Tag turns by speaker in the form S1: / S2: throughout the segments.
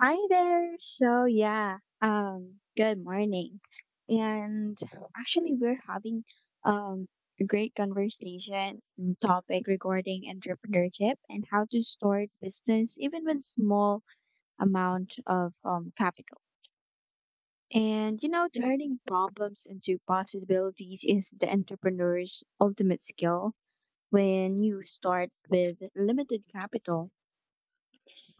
S1: Hi there. Good morning. And actually, we're having um a great conversation and topic regarding entrepreneurship and how to start business even with small amount of capital. And you know, turning problems into possibilities is the entrepreneur's ultimate skill when you start with limited capital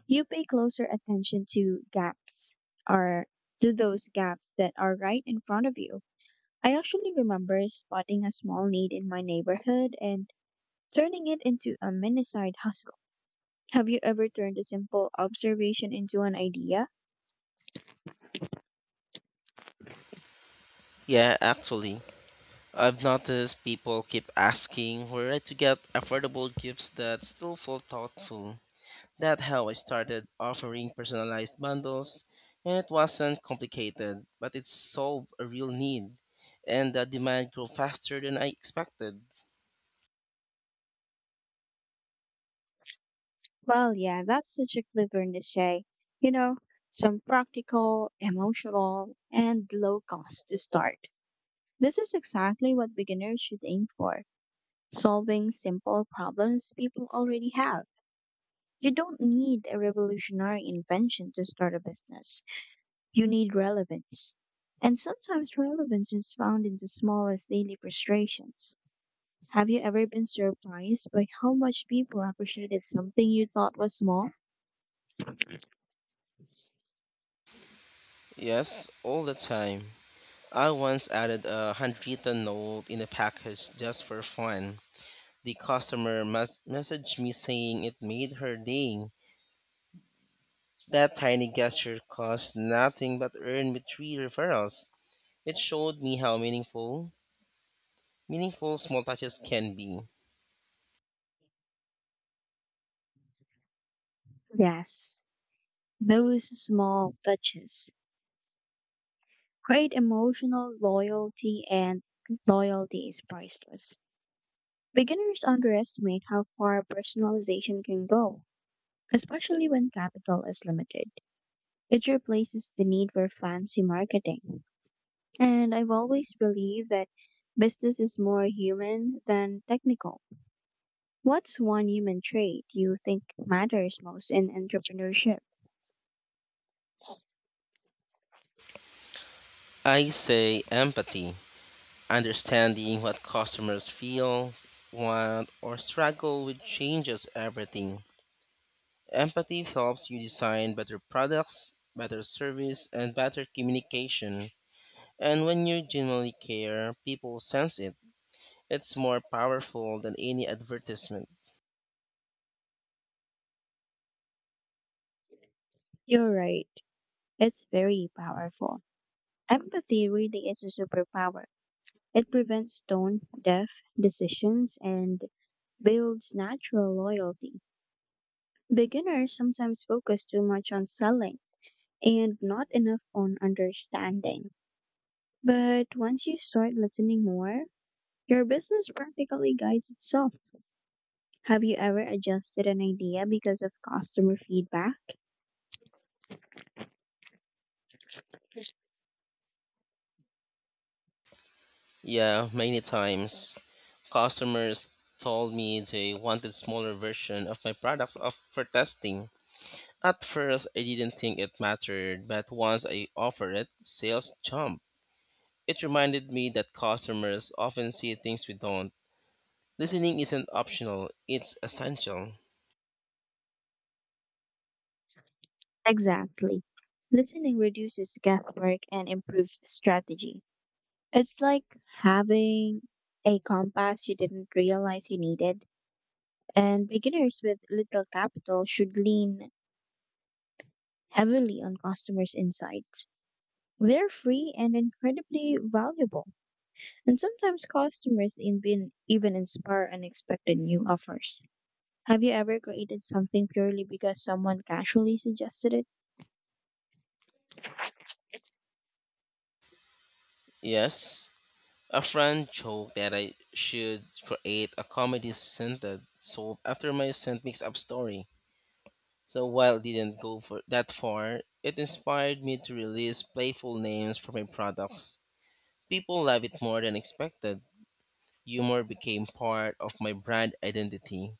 S1: you pay closer attention to gaps or to those gaps that are right in front of you. I actually remember spotting a small need in my neighborhood and turning it into a mini side hustle. Have you ever turned a simple observation into an idea?
S2: Yeah, actually, I've noticed people keep asking where to get affordable gifts that still feel thoughtful. That's how I started offering personalized bundles, and it wasn't complicated, but it solved a real need, and the demand grew faster than I expected.
S1: Well, yeah, that's such a clever niche. You know, some practical, emotional, and low cost to start. This is exactly what beginners should aim for solving simple problems people already have. You don't need a revolutionary invention to start a business, you need relevance. And sometimes relevance is found in the smallest daily frustrations. Have you ever been surprised by how much people appreciated something you thought was small?
S2: Yes, all the time. I once added a handwritten note in a package just for fun. The customer messaged me saying it made her day. That tiny gesture cost nothing but earned me three referrals. It showed me how meaningful small touches can be.
S1: Yes, those small touches create emotional loyalty, and loyalty is priceless. Beginners underestimate how far personalization can go, especially when capital is limited. It replaces the need for fancy marketing. And I've always believed that business is more human than technical. What's one human trait you think matters most in entrepreneurship?
S2: I say empathy, understanding what customers feel, want, or struggle with changes everything. Empathy helps you design better products, better service, and better communication. And when you genuinely care, people sense it. It's more powerful than any advertisement.
S1: You're right, it's very powerful. Empathy really is a superpower. It prevents tone deaf decisions and builds natural loyalty. Beginners sometimes focus too much on selling and not enough on understanding. But once you start listening more, your business practically guides itself. Have you ever adjusted an idea because of customer feedback?
S2: Yeah, many times. Customers told me they wanted smaller version of my products for testing. At first, I didn't think it mattered, but once I offered it, sales jumped. It reminded me that customers often see things we don't. Listening isn't optional, it's essential.
S1: Exactly. Listening reduces guesswork and improves strategy. It's like having a compass you didn't realize you needed, and beginners with little capital should lean heavily on customers' insights. They're free and incredibly valuable, and sometimes customers even inspire unexpected new offers. Have you ever created something purely because someone casually suggested it?
S2: Yes, a friend joked that I should create a comedy scented soap after my scent mix up story. So while it didn't go for that far, it inspired me to release playful names for my products. People love it more than expected. Humor became part of my brand identity.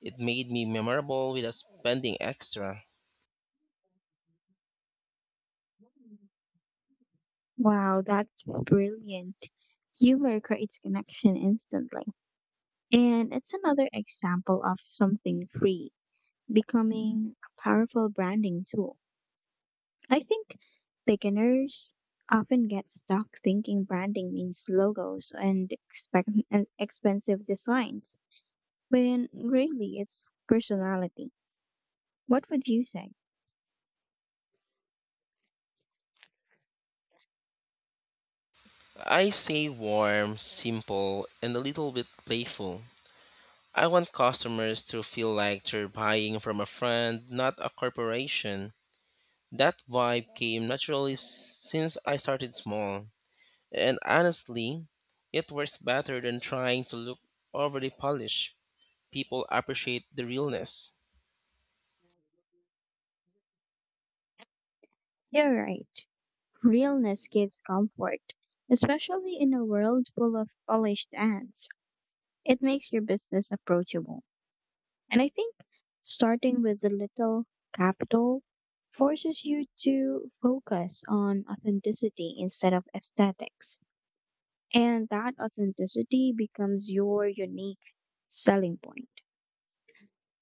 S2: It made me memorable without spending extra.
S1: Wow, that's brilliant. Humor creates connection instantly. And it's another example of something free becoming a powerful branding tool. I think beginners often get stuck thinking branding means logos and and expensive designs, when really it's personality. What would you say?
S2: I say warm, simple, and a little bit playful. I want customers to feel like they're buying from a friend, not a corporation. That vibe came naturally since I started small. And honestly, it works better than trying to look overly polished. People appreciate the realness.
S1: You're right. Realness gives comfort, especially in a world full of polished ads. It makes your business approachable. And I think starting with a little capital forces you to focus on authenticity instead of aesthetics. And that authenticity becomes your unique selling point.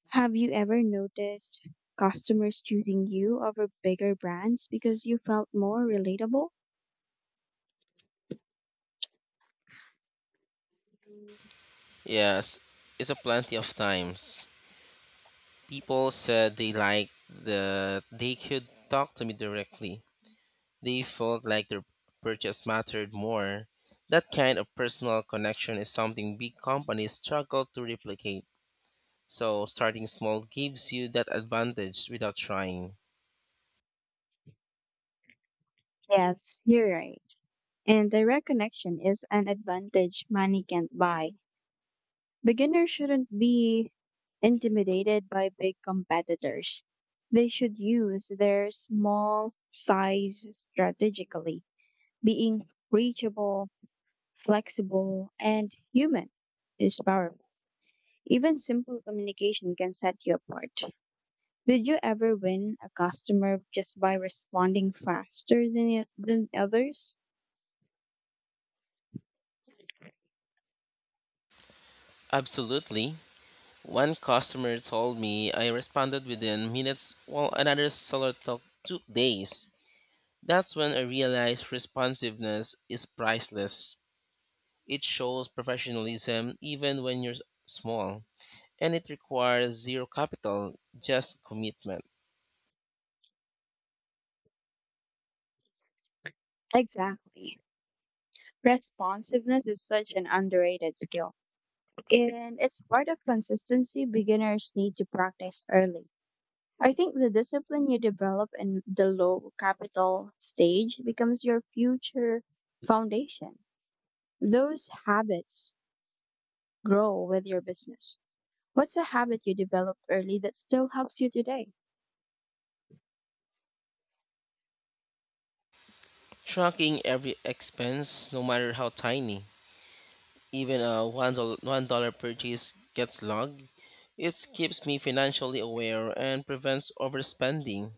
S1: Have you ever noticed customers choosing you over bigger brands because you felt more relatable?
S2: Yes, it's a plenty of times. People said they liked that they could talk to me directly. They felt like their purchase mattered more. That kind of personal connection is something big companies struggle to replicate. So starting small gives you that advantage without trying.
S1: Yes, you're right. And direct connection is an advantage money can't buy. Beginners shouldn't be intimidated by big competitors. They should use their small size strategically. Being reachable flexible, and human is powerful. Even simple communication can set you apart. Did you ever win a customer just by responding faster than others?
S2: Absolutely. One customer told me I responded within minutes, while another seller took days. That's when I realized responsiveness is priceless. It shows professionalism even when you're small, and it requires zero capital, just commitment.
S1: Exactly. Responsiveness is such an underrated skill, and it's part of consistency beginners need to practice early. I think the discipline you develop in the low capital stage becomes your future foundation. Those habits grow with your business. What's a habit you developed early that still helps you today?
S2: Tracking every expense, no matter how tiny, even a $1 purchase gets logged. It keeps me financially aware and prevents overspending.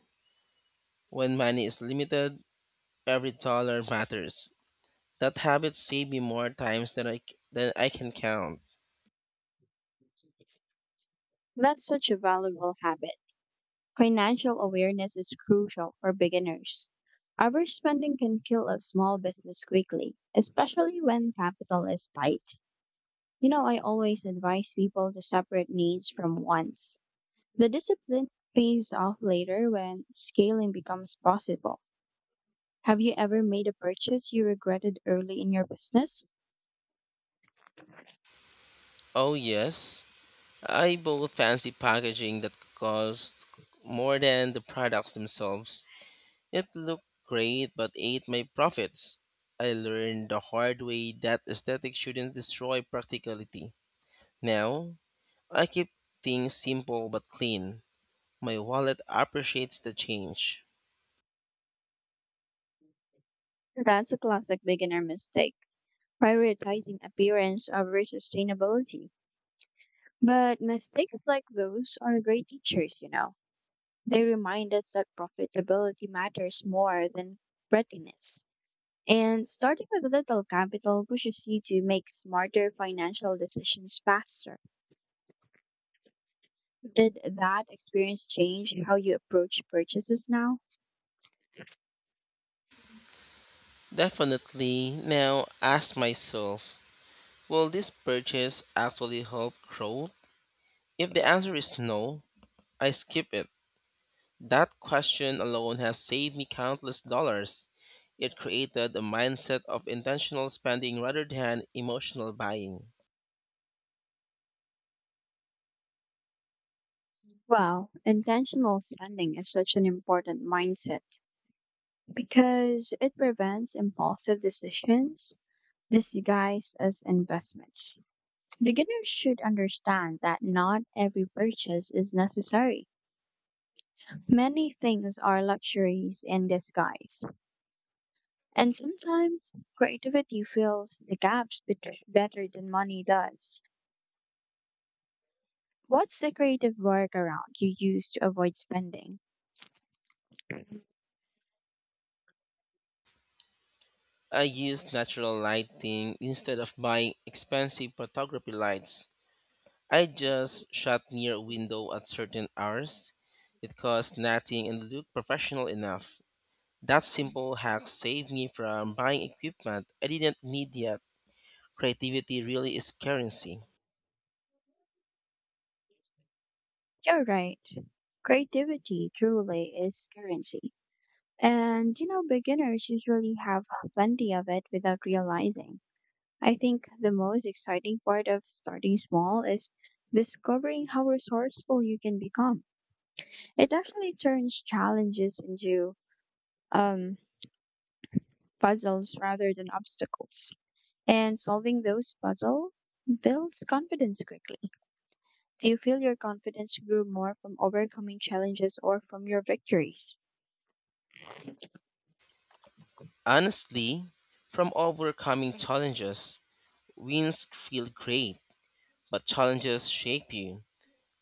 S2: When money is limited, every dollar matters. That habit saved me more times than than I can count.
S1: That's such a valuable habit. Financial awareness is crucial for beginners. Overspending can kill a small business quickly, especially when capital is tight. You know, I always advise people to separate needs from wants. The discipline pays off later when scaling becomes possible. Have you ever made a purchase you regretted early in your business?
S2: Oh, yes. I bought fancy packaging that cost more than the products themselves. It looked great but ate my profits. I learned the hard way that esthetics shouldn't destroy practicality. Now, I keep things simple but clean. My wallet appreciates the change.
S1: That's a classic beginner mistake. Prioritizing appearance over sustainability. But mistakes like those are great teachers, you know. They remind us that profitability matters more than prettiness. And starting with little capital pushes you to make smarter financial decisions faster. Did that experience change how you approach purchases now?
S2: Definitely now ask myself, will this purchase actually help grow? If the answer is no, I skip it. That question alone has saved me countless dollars. It created a mindset of intentional spending rather than emotional buying.
S1: Well, intentional spending is such an important mindset because it prevents impulsive decisions disguised as investments. Beginners should understand that not every purchase is necessary. Many things are luxuries in disguise. And sometimes creativity fills the better than money does. What's the creative workaround you use to avoid spending?
S2: I use natural lighting instead of buying expensive photography lights. I just shot near a window at certain hours. It cost nothing and looked professional enough. That simple hack saved me from buying equipment I didn't need yet. Creativity really is currency.
S1: You're right. Creativity truly is currency. And you know, beginners usually have plenty of it without realizing. I think the most exciting part of starting small is discovering how resourceful you can become. It actually turns challenges into um, puzzles rather than obstacles. And solving those puzzles builds confidence quickly. Do you feel your confidence grew more from overcoming challenges or from your victories?
S2: Honestly, from overcoming challenges, wins feel great, but challenges shape you.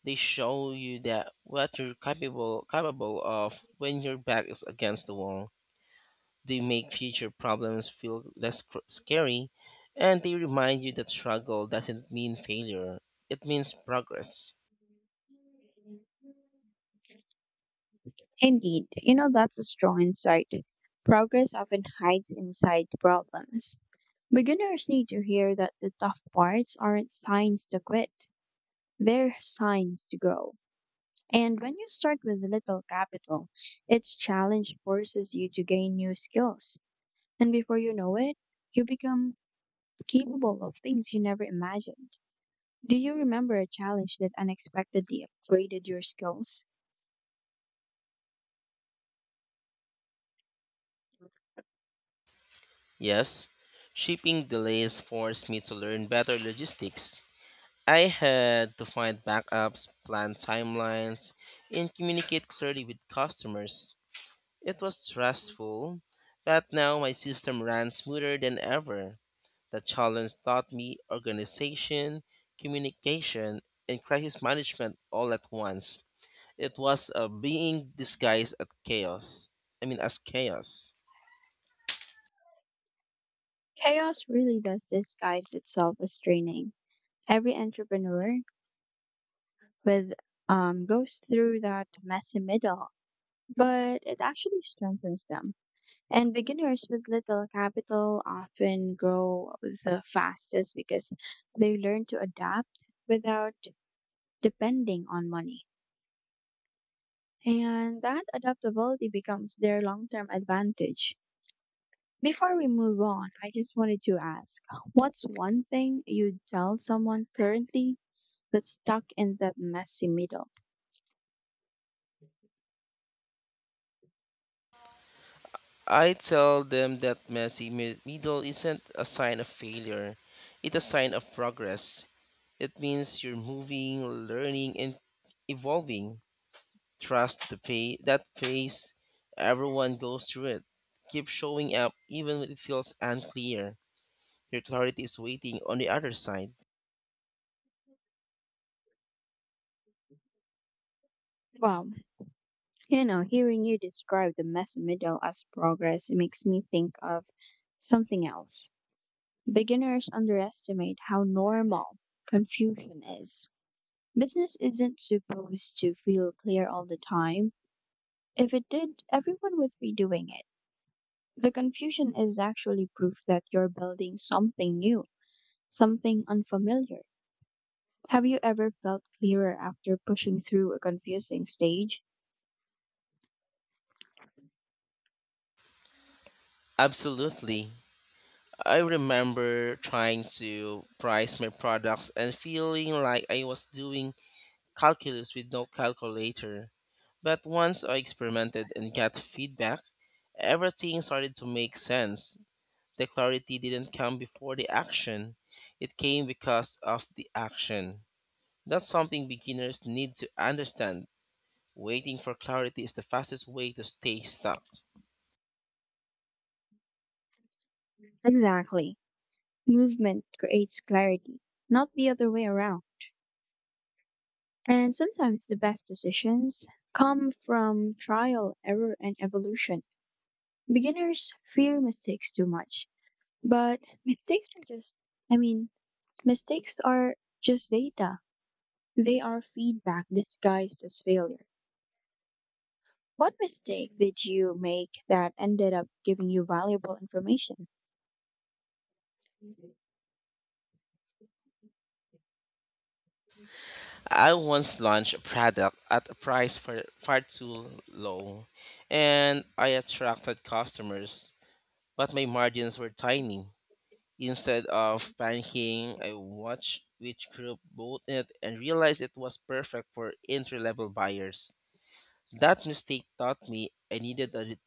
S2: They show you that what you're capable of when your back is against the wall. They make future problems feel scary, and they remind you that struggle doesn't mean failure. It means progress.
S1: Indeed, you know that's a strong insight. Progress often hides inside problems. Beginners need to hear that the tough parts aren't signs to quit, they're signs to grow. And when you start with little capital, each challenge forces you to gain new skills. And before you know it, you become capable of things you never imagined. Do you remember a challenge that unexpectedly upgraded your skills?
S2: Yes, shipping delays forced me to learn better logistics. I had to find backups, plan timelines, and communicate clearly with customers. It was stressful, but now my system ran smoother than ever. The challenge taught me organization, communication, and crisis management all at once. It was a being disguised as chaos. I mean, as chaos.
S1: Chaos really does disguise itself as training. Every entrepreneur with goes through that messy middle but it actually strengthens them. And beginners with little capital often grow the fastest because they learn to adapt without depending on money. And that adaptability becomes their long term advantage. Before we move on, I just wanted to ask what's one thing you'd tell someone currently that's stuck in that messy middle?
S2: I tell them that messy middle isn't a sign of failure, it's a sign of progress. It means you're moving, learning, and evolving. Trust that pace, everyone goes through it. Keep showing up even when it feels unclear. Your clarity is waiting on the other side.
S1: Wow, you know, hearing you describe the messy middle as progress makes me think of something else. Beginners underestimate how normal confusion is. Business isn't supposed to feel clear all the time. If it did, everyone would be doing it. The confusion is actually proof that you're building something new, something unfamiliar. Have you ever felt clearer after pushing through a confusing stage?
S2: Absolutely. I remember trying to price my products and feeling like I was doing calculus with no calculator. But once I experimented and got feedback, everything started to make sense. The clarity didn't come before the action, it came because of the action. That's something beginners need to understand. Waiting for clarity is the fastest way to stay stuck.
S1: Exactly. Movement creates clarity, not the other way around. And sometimes the best decisions come from trial, error, and evolution. Beginners fear mistakes too much, but mistakes are just, I mean, mistakes are just data. They are feedback disguised as failure. What mistake did you make that ended up giving you valuable information?
S2: I once launched a product at a price for far too low, and I attracted customers, but my margins were tiny. Instead of panicking, I watched which group bought it and realized it was perfect for entry level buyers. That mistake taught me I needed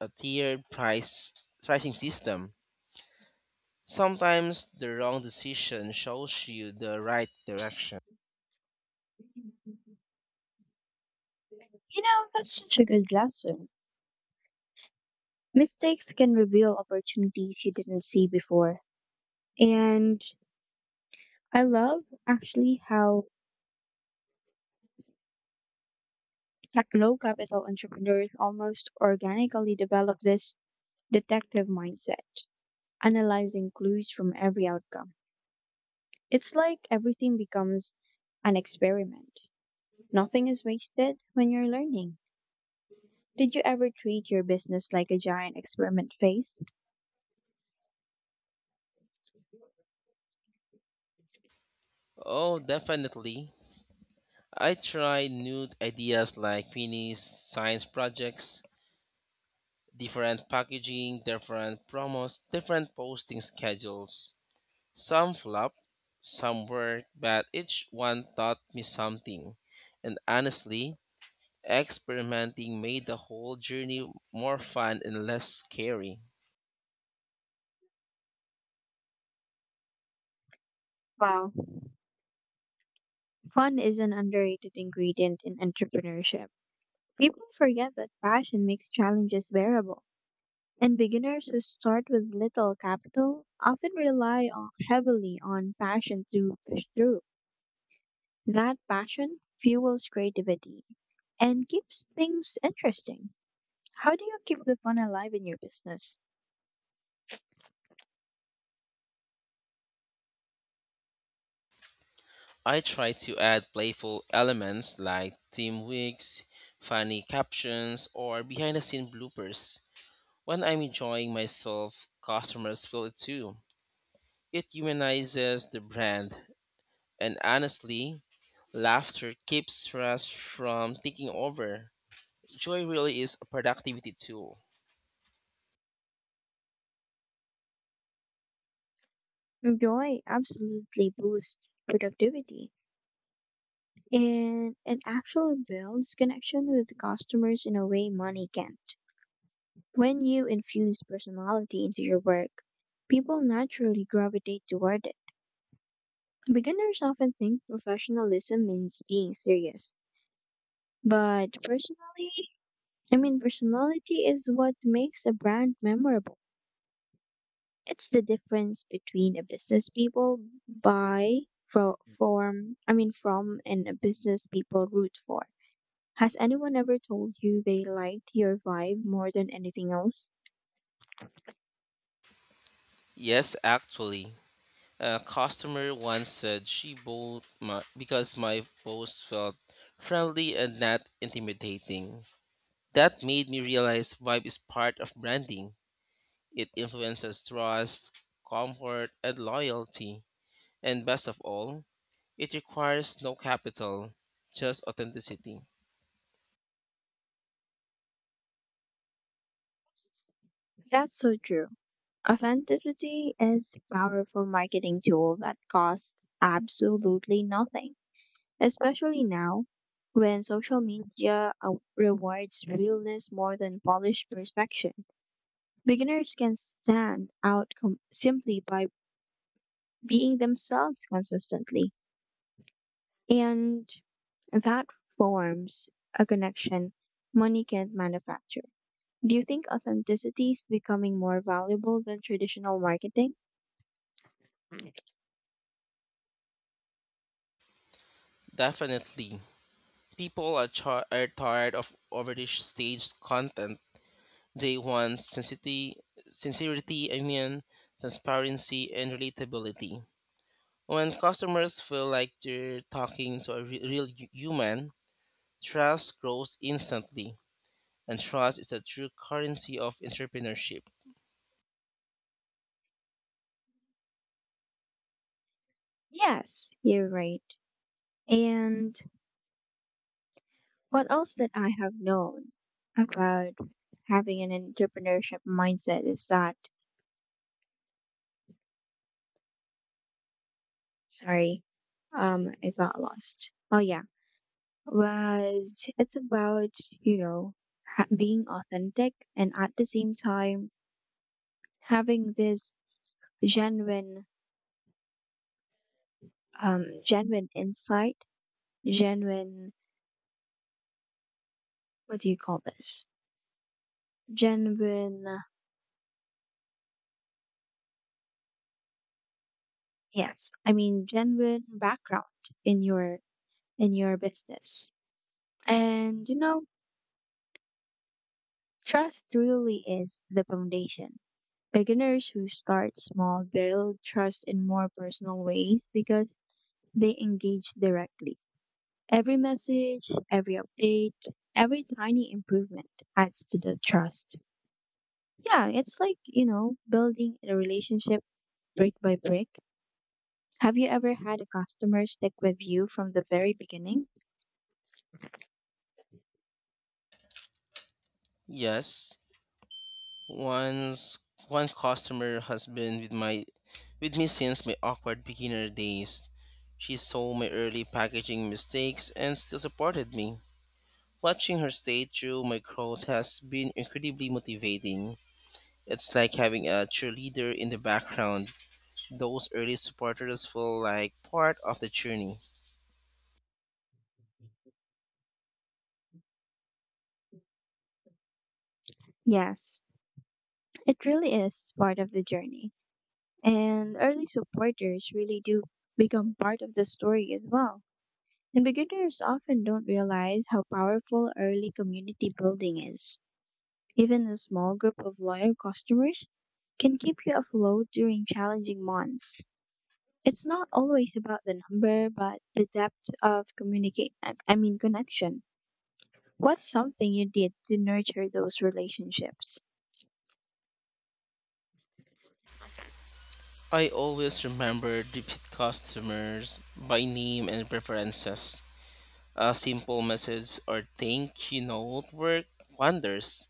S2: a tiered price pricing system. Sometimes the wrong decision shows you the right direction.
S1: You know, that's such a good lesson. Mistakes can reveal opportunities you didn't see before. And I love actually how tech low capital entrepreneurs almost organically develop this detective mindset, analyzing clues from every outcome. It's like everything becomes an experiment. Nothing is wasted when you're learning. Did you ever treat your business like a giant experiment phase?
S2: Oh, definitely. I tried new ideas like minis, science projects, different packaging, different promos, different posting schedules. Some flopped, some worked, but each one taught me something. And honestly, experimenting made the whole journey more fun and less scary.
S1: Wow. Fun is an underrated ingredient in entrepreneurship. People forget that passion makes challenges bearable, and beginners who start with little capital often heavily on passion to push through. That passion fuels creativity and keeps things interesting. How do you keep the fun alive in your business?
S2: I try to add playful elements like team wigs, funny captions, or behind the scene bloopers. When I'm enjoying myself, customers feel it too. It humanizes the brand, and honestly, laughter keeps stress from taking over. Joy really is a productivity tool.
S1: Joy absolutely boosts productivity and it actually builds connection with customers in a way money can't. When you infuse personality into your work, people naturally gravitate toward it. Beginners often think professionalism means being serious, but personality is what makes a brand memorable. It's the difference between a business people buy fro- from, I mean, from and a business people root for. Has anyone ever told you they liked your vibe more than anything else?
S2: Yes, actually. A customer once said she bowled my, because my post felt friendly and not intimidating. That made me realize vibe is part of branding. It influences trust, comfort, and loyalty. And best of all, it requires no capital, just authenticity.
S1: That's so true. Authenticity is a powerful marketing tool that costs absolutely nothing, especially now when social media rewards realness more than polished perfection. Beginners can simply by being themselves consistently, and that forms a connection money can't manufacture. Do you think authenticity is becoming more valuable than traditional marketing?
S2: Definitely. People are, are tired of overly staged content. They want sincerity, I mean, transparency and relatability. When customers feel like they're talking to a human, trust grows instantly, and trust is the true currency of entrepreneurship.
S1: Yes, you're right. And what else that I have known about having an entrepreneurship mindset is that, sorry, I got lost. Oh yeah, was it's about, you know, being authentic and at the same time having this genuine, genuine insight, genuine, what do you call this? Genuine, yes, I mean genuine background in your in your business. And you know, trust really is the foundation. Beginners who start small build trust in more personal ways because they engage directly. Every message, every update, every tiny improvement adds to the trust. Yeah, it's like, you know, building a relationship brick by brick. Have you ever had a customer stick with you from the very beginning?
S2: Yes, once one customer has been with me since my awkward beginner days. She saw my early packaging mistakes and still supported me. Watching her stay through my growth has been incredibly motivating. It's like having a cheerleader in the background. Those early supporters feel like part of the journey.
S1: Yes, it really is part of the journey. And early supporters really do become part of the story as well. And beginners often don't realize how powerful early community building is. Even a small group of loyal customers can keep you afloat during challenging months. It's not always about the number, but the depth of communicate I mean connection. What's something you did to nurture those relationships?
S2: I always remember repeat customers by name and preferences. A simple message or thank you note worked wonders.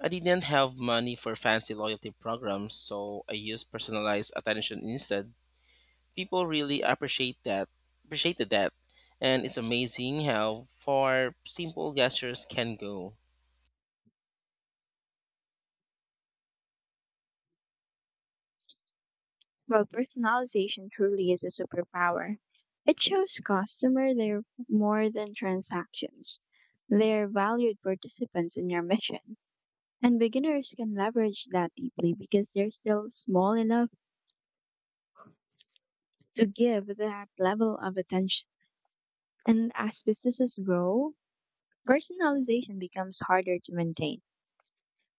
S2: I didn't have money for fancy loyalty programs, so I used personalized attention instead. People really appreciated that, and it's amazing how far simple gestures can go.
S1: Well, personalization truly is a superpower. It shows customers they're more than transactions. They're valued participants in your mission. And beginners can leverage that deeply because they're still small enough to give that level of attention. And as businesses grow, personalization becomes harder to maintain.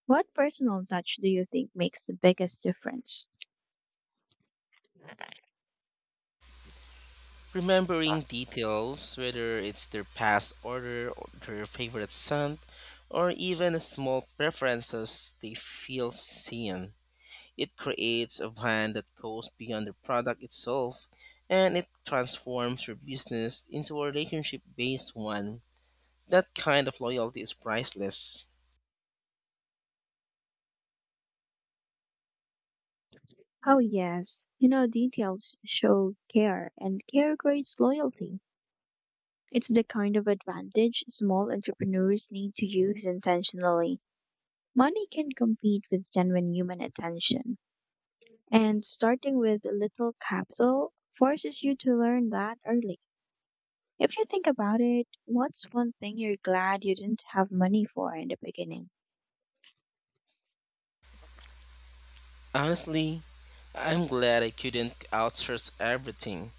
S1: What personal touch do you think makes the biggest difference?
S2: Remembering details, whether it's their past order or their favorite scent or even small preferences, they feel seen. It creates a brand that goes beyond the product itself, and it transforms your business into a relationship based one. That kind of loyalty is priceless.
S1: Oh, yes. You know, details show care, and care creates loyalty. It's the kind of advantage small entrepreneurs need to use intentionally. Money can compete with genuine human attention, and starting with little capital forces you to learn that early. If you think about it, what's one thing you're glad you didn't have money for in the beginning?
S2: Honestly, I'm glad I couldn't outsource everything.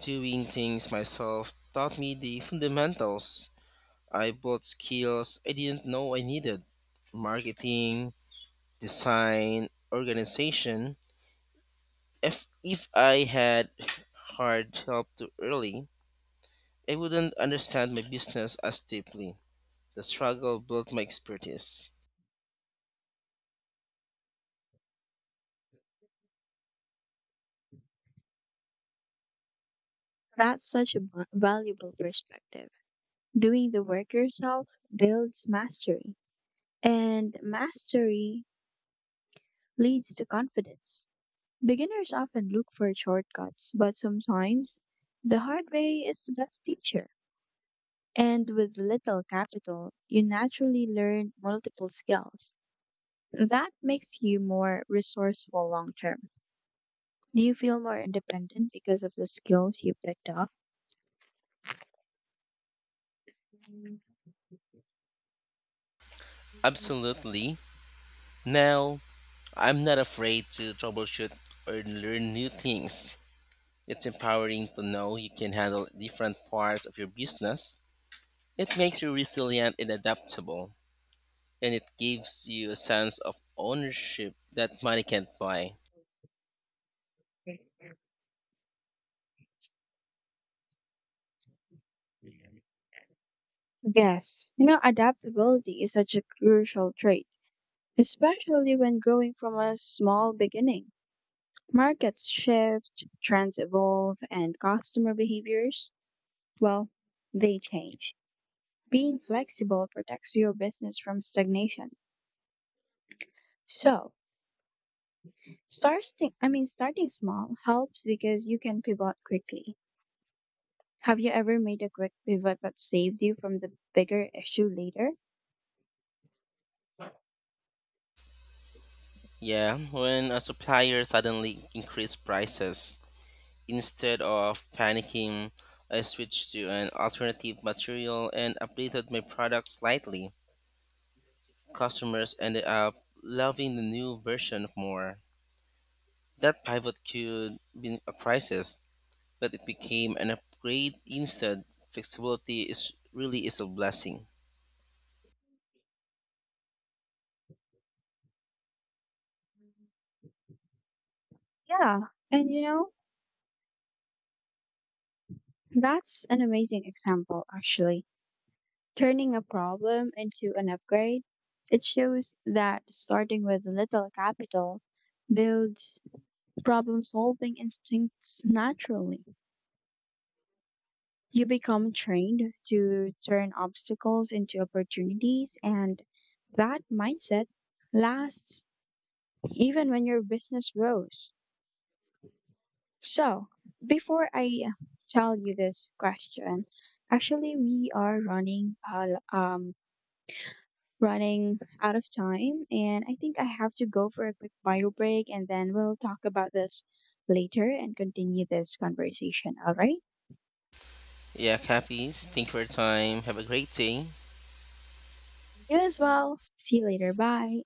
S2: Doing things myself taught me the fundamentals. I bought skills I didn't know I needed: marketing, design, organization. If I had hired help too early, I wouldn't understand my business as deeply. The struggle built my expertise.
S1: That's such a valuable perspective. Doing the work yourself builds mastery, and mastery leads to confidence. Beginners often look for shortcuts, but sometimes the hard way is the best teacher. And with little capital, you naturally learn multiple skills. That makes you more resourceful long term. Do you feel more independent because of the skills you picked up?
S2: Absolutely. Now, I'm not afraid to troubleshoot or learn new things. It's empowering to know you can handle different parts of your business. It makes you resilient and adaptable, and it gives you a sense of ownership that money can't buy.
S1: Yes, you know, adaptability is such a crucial trait, especially when growing from a small beginning. Markets shift, trends evolve, and customer behaviors well, they change. Being flexible protects your business from stagnation. So, starting I mean starting small helps because you can pivot quickly. Have you ever made a quick pivot that saved you from the bigger issue later?
S2: Yeah, when a supplier suddenly increased prices, instead of panicking, I switched to an alternative material and updated my product slightly. Customers ended up loving the new version more. That pivot could be a crisis but it became an upgrade instead. Flexibility is really is a blessing.
S1: Yeah, and you know, that's an amazing example actually. Turning a problem into an upgrade, it shows that starting with little capital builds problem solving instincts naturally. You become trained to turn obstacles into opportunities, and that mindset lasts even when your business grows. So, before I tell you this question, actually, we are running out of time, and I think I have to go for a quick bio break, and then we'll talk about this later and continue this conversation. All right?
S2: Yeah, Cappy, thank you for your time. Have a great day.
S1: You as well. See you later. Bye.